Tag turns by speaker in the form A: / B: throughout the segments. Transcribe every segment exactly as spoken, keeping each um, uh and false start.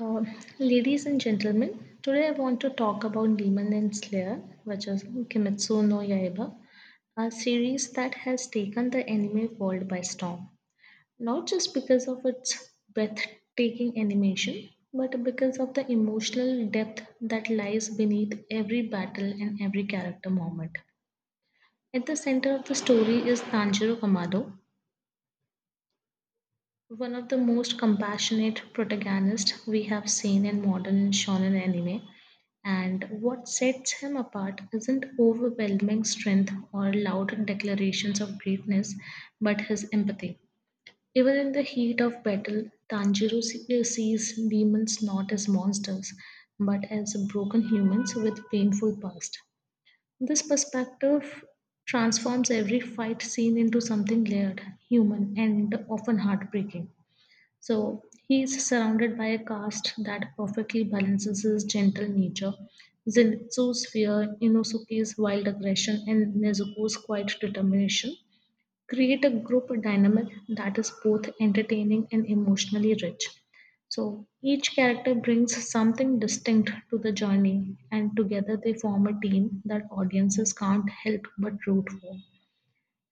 A: Uh, ladies and gentlemen, today I want to talk about Demon and Slayer, which is Kimetsu no Yaiba, a series that has taken the anime world by storm. Not just because of its breathtaking animation, but because of the emotional depth that lies beneath every battle and every character moment. At the center of the story is Tanjiro Kamado, one of the most compassionate protagonists we have seen in modern shonen anime, and what sets him apart isn't overwhelming strength or loud declarations of greatness, but his empathy. Even in the heat of battle, Tanjiro se- uh, sees demons not as monsters, but as broken humans with painful past. This perspective transforms every fight scene into something layered, human, and often heartbreaking. So he is surrounded by a cast that perfectly balances his gentle nature. Zenitsu's fear, Inosuke's wild aggression, and Nezuko's quiet determination create a group dynamic that is both entertaining and emotionally rich. So each character brings something distinct to the journey, and together they form a team that audiences can't help but root for.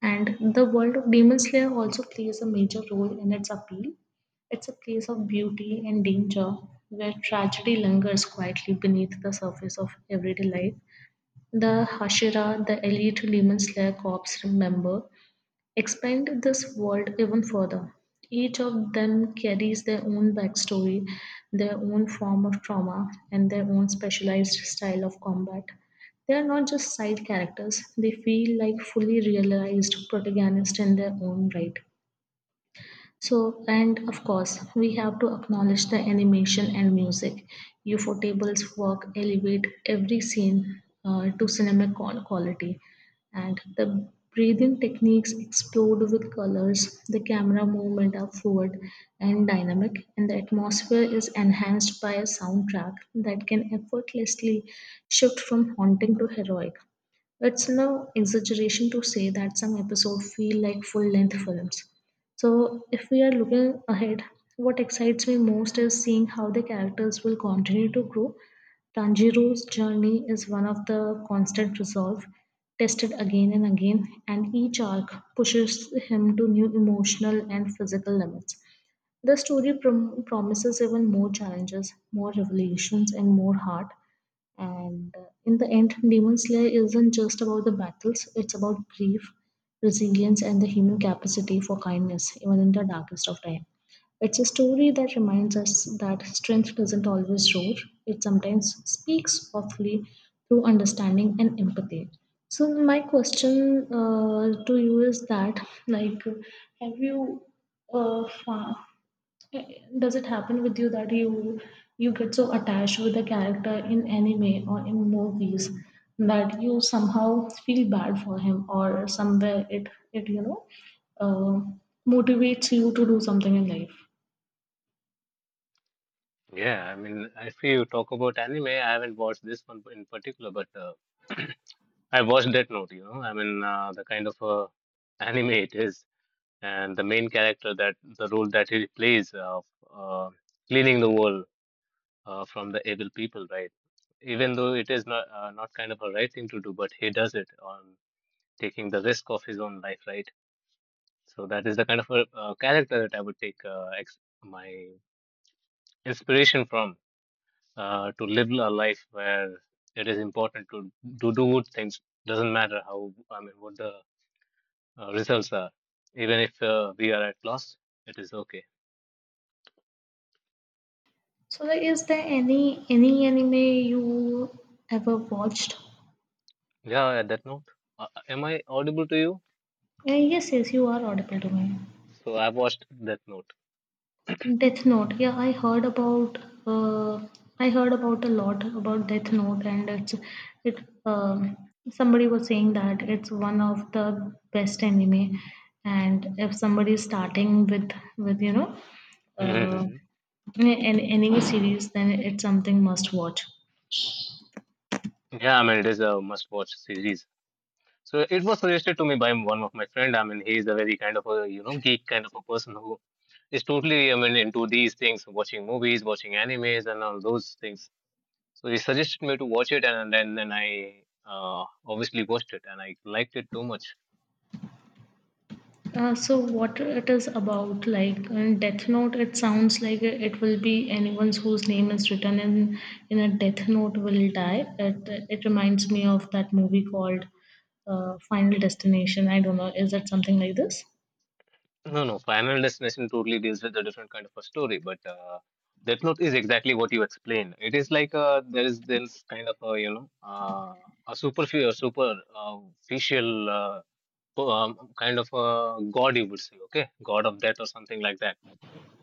A: And the world of Demon Slayer also plays a major role in its appeal. It's a place of beauty and danger where tragedy lingers quietly beneath the surface of everyday life. The Hashira, the elite Demon Slayer Corps member, expand this world even further. Each of them carries their own backstory, their own form of trauma, and their own specialized style of combat. They are not just side characters, they feel like fully realized protagonists in their own right. So, and of course, we have to acknowledge the animation and music. U F O tables work elevate every scene uh, to cinema qual- quality, and the breathing techniques explode with colors. The camera movement are fluid and dynamic, and the atmosphere is enhanced by a soundtrack that can effortlessly shift from haunting to heroic. It's no exaggeration to say that some episodes feel like full length films. So, if we are looking ahead, what excites me most is seeing how the characters will continue to grow. Tanjiro's journey is one of the constant resolve, tested again and again, and each arc pushes him to new emotional and physical limits. The story prom- promises even more challenges, more revelations, and more heart. And uh, in the end, Demon Slayer isn't just about the battles, it's about grief, resilience, and the human capacity for kindness, even in the darkest of time. It's a story that reminds us that strength doesn't always roar, it sometimes speaks softly through understanding and empathy. So, my question uh, to you is that, like, have you uh, fa- Eh, does it happen with you that you you get so attached with a character in anime or in movies that you somehow feel bad for him or somewhere it it you know uh, motivates you to do something in life?
B: Yeah, I mean, if you talk about anime, I haven't watched this one in particular, but uh, I watched Death Note, you know. I mean, uh, the kind of uh, anime it is, and the main character that the role that he plays of uh, cleaning the world, uh, from the evil people, right? Even though it is not uh, not kind of a right thing to do, but he does it on taking the risk of his own life, right? So that is the kind of a, uh, character that I would take uh, ex my inspiration from, uh, to live a life where it is important to to do good things. Doesn't matter how, I mean, what the uh, results are. Even if uh, we are at loss, it is okay.
A: So, like, is there any any anime you ever watched?
B: Yeah, at that note, uh, am I audible to you?
A: Uh, yes, yes, you are audible to me.
B: So I've watched that note.
A: Death Note. Yeah, I heard about. Uh, I heard about a lot about Death Note, and it's it. Um, Somebody was saying that it's one of the best anime, and if somebody is starting with with you know, uh,
B: Mhm.
A: an anime series, then it's something must watch.
B: Yeah, I mean, it is a must-watch series. So it was suggested to me by one of my friend. I mean, he is a very kind of a, you know, geek kind of a person who is totally, I mean, into these things, watching movies, watching animes, and all those things. So he suggested me to watch it, and then then I uh, obviously watched it, and I liked it too much.
A: Uh, so what it is about, like in Death Note, it sounds like it will be anyone whose name is written in in a Death Note will die. It it reminds me of that movie called uh, Final Destination. I don't know, is it something like this?
B: No, no, Final Destination totally deals with a different kind of a story, but uh, Death Note is exactly what you explained. It is like uh there is this kind of a, you know, uh, a super a super uh, official, uh, po- um, kind of a god, you would say, okay, god of death or something like that,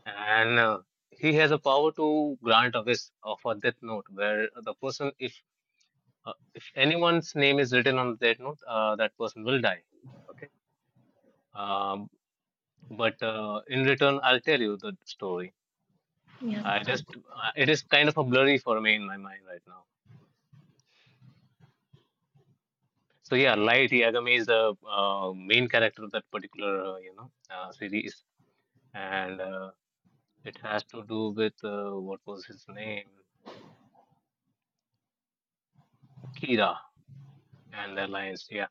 B: and. Uh, he has a power to grant a wish of a death note where the person if Uh, if anyone's name is written on that note, uh, that person will die. Okay. Um, but uh, in return, I'll tell you the story.
A: Yeah.
B: I just uh, it is kind of a blurry for me in my mind right now. So yeah, Light Yagami is the uh, main character of that particular, uh, you know uh, series, and uh, it has to do with uh, what was his name, Kira and the alliance. Yeah.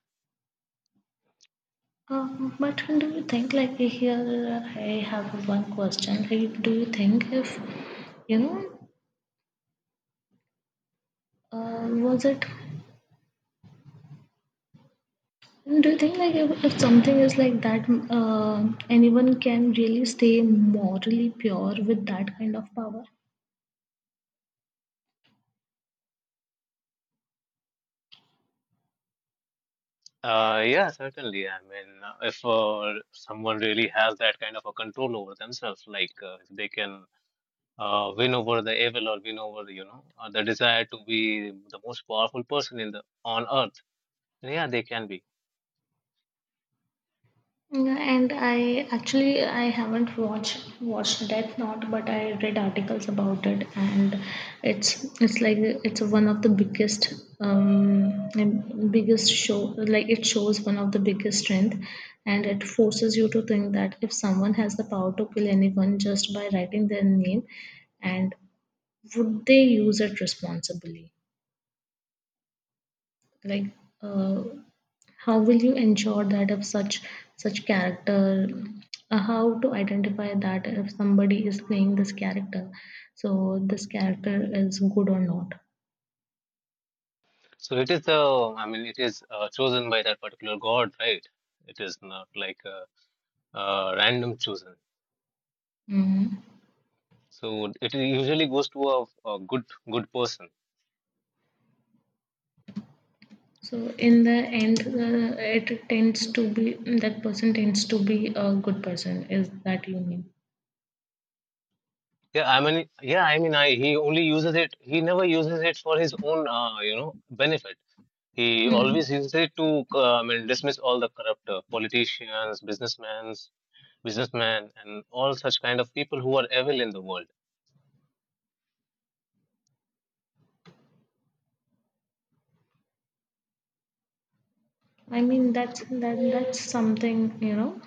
A: Um, but do you think, like here, uh, I have one question. Like, do you think if, you know, uh, was it And do you think like if, if something is like that, uh, anyone can really stay morally pure with that kind of power?
B: Uh, yeah, certainly. I mean, uh, if uh, someone really has that kind of a control over themselves, like uh, if they can uh, win over the evil or win over, you know uh, the desire to be the most powerful person in the on earth, yeah, they can be.
A: Yeah, and I actually I haven't watched watched Death Note, but I read articles about it, and it's it's like it's one of the biggest um and biggest show like it shows one of the biggest strength, and it forces you to think that if someone has the power to kill anyone just by writing their name, and would they use it responsibly like uh, how will you ensure that if such such character uh, how to identify that if somebody is playing this character so this character is good or not.
B: So it is the, I mean, it is uh, chosen by that particular god, right? It is not like a, uh random chosen.
A: Mhm.
B: So it usually goes to a, a good good person.
A: So in the end, uh, it tends to be that person tends to be a good person. Is that you mean?
B: Yeah i mean yeah i mean I, he only uses it, he never uses it for his own uh, you know benefit, he
A: Hmm.
B: always uses it to uh, i mean dismiss all the corrupt uh, politicians, businessmen businessmen, and all such kind of people who are evil in the world.
A: I mean that's
B: So,
A: that that's something you know.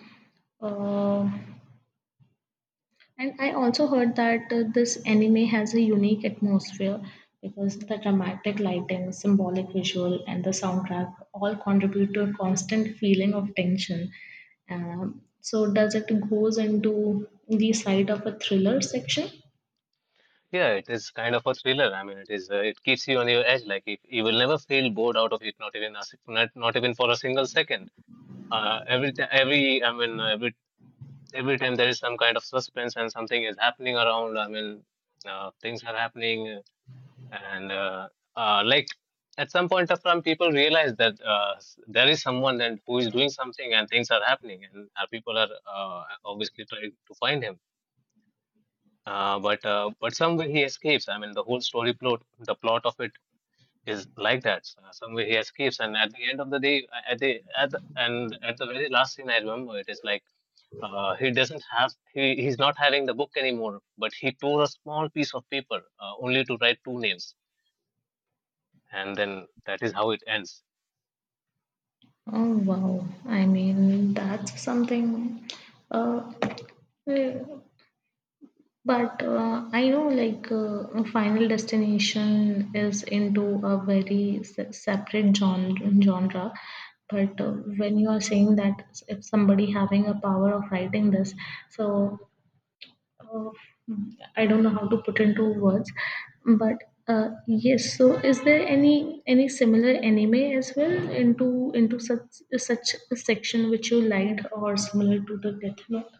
A: Uh, And I also heard that uh, this anime has a unique atmosphere because the dramatic lighting, symbolic visual, and the soundtrack all contribute to a constant feeling of tension. Um, so, does it goes into the side of a thriller section?
B: yeah, it is kind of a thriller. I mean, it is. Uh, it keeps you on your edge. Like if, you will never feel bored out of it, not even a, sec- not, not even for a single second. Uh, every ti- every I mean uh, every every time there is some kind of suspense and something is happening around. I mean, uh, things are happening, and uh, uh, like at some point of time, people realize that uh, s- there is someone and who is doing something, and things are happening, and uh, people are uh, obviously trying to find him. Uh, but uh, but somewhere he escapes. I mean, the whole story plot, the plot of it is like that. Uh, somewhere he escapes, and at the end of the day, uh, at the at the, and at the very last scene, I remember it is like, uh, he doesn't have he he's not having the book anymore, but he tore a small piece of paper uh, only to write two names, and then that is how it ends.
A: Oh wow! I mean, that's something. Uh, But uh, I know, like, uh, Final Destination is into a very se- separate gen- genre. But uh, when you are saying that if somebody having a power of writing this, so uh, I don't know how to put into words. But uh, yes, so is there any any similar anime as well into into such such a section which you liked or similar to the Death Note?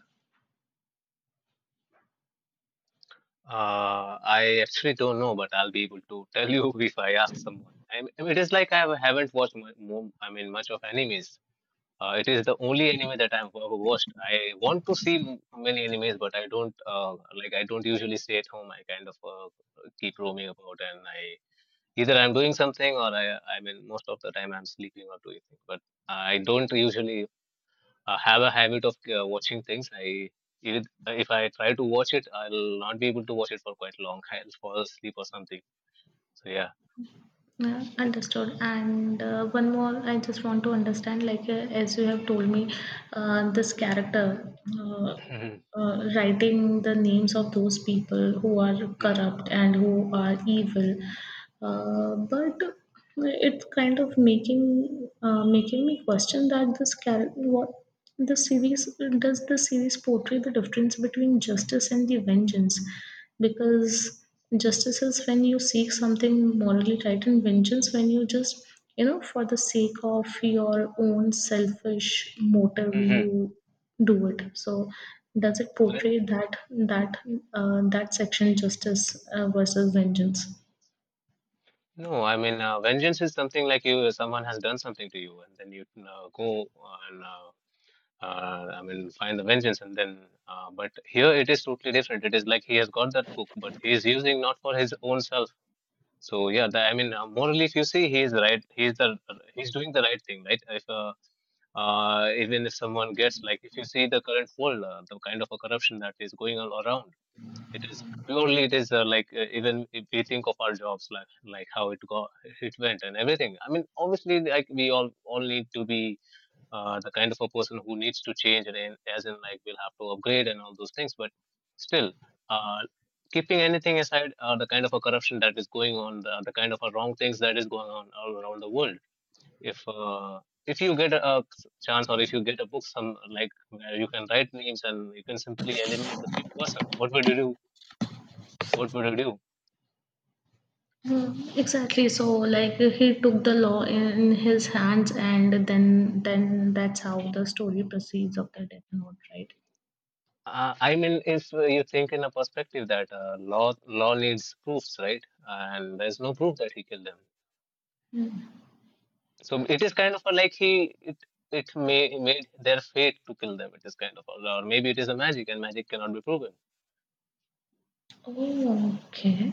B: Uh, I actually don't know, but I'll be able to tell you if I ask someone. I mean, it is like I haven't watched mu- mo I mean, much of animes. Uh, it is the only anime that I've ever watched. I want to see m- many animes, but I don't uh, like. I don't usually stay at home. I kind of uh, keep roaming about, and I either I'm doing something or I I mean most of the time I'm sleeping or doing things. But I don't usually uh, have a habit of uh, watching things. I If, if I try to watch it, I'll not be able to watch it for quite long. I'll fall asleep or something. So yeah.
A: Yeah, understood. And uh, one more, I just want to understand, like uh, as you have told me, uh, this character uh, uh, writing the names of those people who are corrupt and who are evil, uh, but it's kind of making uh, making me question that this character, what the series does the series portray the difference between justice and the vengeance because justice is when you seek something morally right and vengeance when you just you know for the sake of your own selfish motive
B: Mhm. Mhm.
A: you do it so does it
B: Mhm.
A: portray that that uh, that section justice uh, versus vengeance.
B: No, I mean, uh, vengeance is something like you, someone has done something to you, and then you uh, go and uh, uh, I mean, find the vengeance, and then. Uh, but here it is totally different. It is like he has got that book, but he is using not for his own self. So yeah, the, I mean, uh, morally, if you see, he is right. He is the he's doing the right thing, right? If uh, uh, even if someone gets like, if you see the current world, uh, the kind of a corruption that is going on around, it is purely, it is uh, like, uh, even if we think of our jobs, like like how it got, it went and everything. I mean, obviously, like we all all need to be uh, the kind of a person who needs to change and in- as in, like, we'll have to upgrade and all those things. But still, uh, keeping anything aside, uh, the kind of a corruption that is going on, the, the kind of a wrong things that is going on all around the world. If uh, if you get a a chance, or if you get a book, some like, where you can write names and you can simply eliminate the pe- person, what would you do, what would you do?
A: Mm, exactly so like he took the law in his hands and then then that's how the story proceeds of the death note, right?
B: Uh, I mean, if you think in a perspective that uh, law law needs proofs, right? And there's no proof that he killed them.
A: Mm.
B: So it is kind of a, like he it it may made their fate to kill them. It is kind of, or maybe it is a magic, and magic cannot be proven.
A: Oh okay.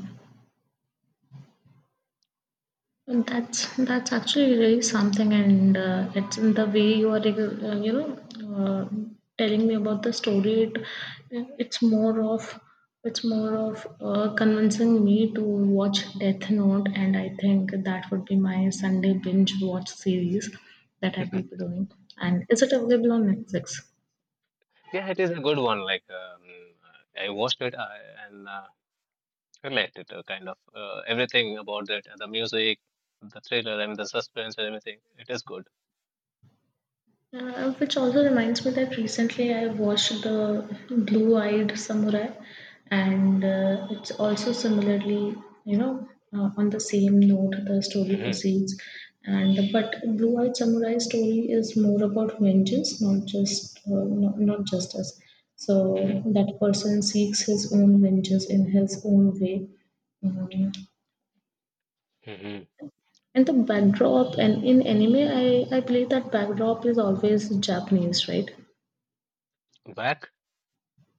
A: And that's that's actually really something, and uh, it's in the way you are, uh, you know, uh, telling me about the story. It, it's more of it's more of uh, convincing me to watch Death Note, and I think that would be my Sunday binge watch series that I will be doing. And is it available on Netflix?
B: Yeah, it is a good one. Like, um, I watched it, uh, and uh, liked it. Uh, kind of uh, everything about it, the music, the thriller, and the suspense and everything. It is good.
A: Uh, which also reminds me that recently I watched the Blue Eyed Samurai, and uh, it's also similarly, you know, uh, on the same note the story proceeds. And but Blue Eyed Samurai story is more about vengeance, not just uh, not, not justice.
B: Mhm,
A: So that person seeks his own vengeance in his own way. Mm.
B: mhm,
A: And the backdrop, and in anime, I, I believe that backdrop is always Japanese, right?
B: mhm. Back?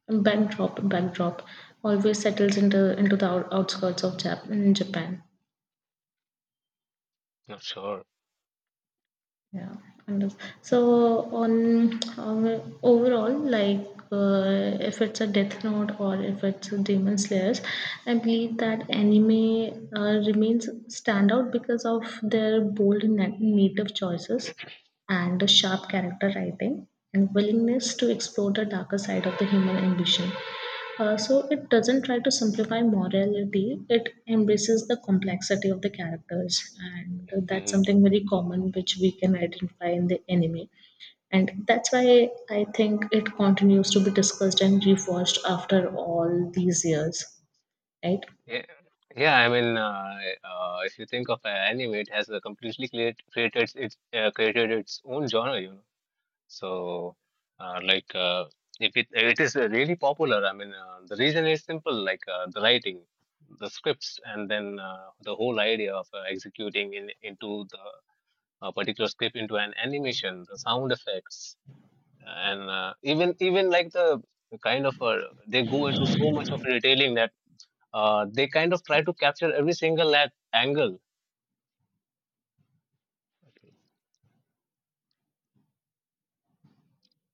A: Backdrop, backdrop always settles into into the out- outskirts of Jap- in Japan.
B: Not sure.
A: Yeah. And so on um, overall, like uh, if it's a Death Note or if it's a Demon Slayers, I believe that anime uh, remains standout because of their bold na- native choices and the sharp character writing and willingness to explore the darker side of the human ambition. Uh, so it doesn't try to simplify morality, it embraces the complexity of the characters, and that's
B: Mhm.
A: something very common which we can identify in the anime. And that's why I think it continues to be discussed and rewatched after all these years, right?
B: Yeah, yeah. I mean, uh, uh, if you think of uh, anime, it has uh, completely create, created its uh, created its own genre, you know. So, uh, like, uh, if it it is uh, really popular, I mean, uh, the reason is simple, like uh, the writing, the scripts, and then uh, the whole idea of uh, executing in into the uh, particular script into an animation, the sound effects, and uh, even even like the kind of uh, they go into so much of detailing that uh, they kind of try to capture every single at- angle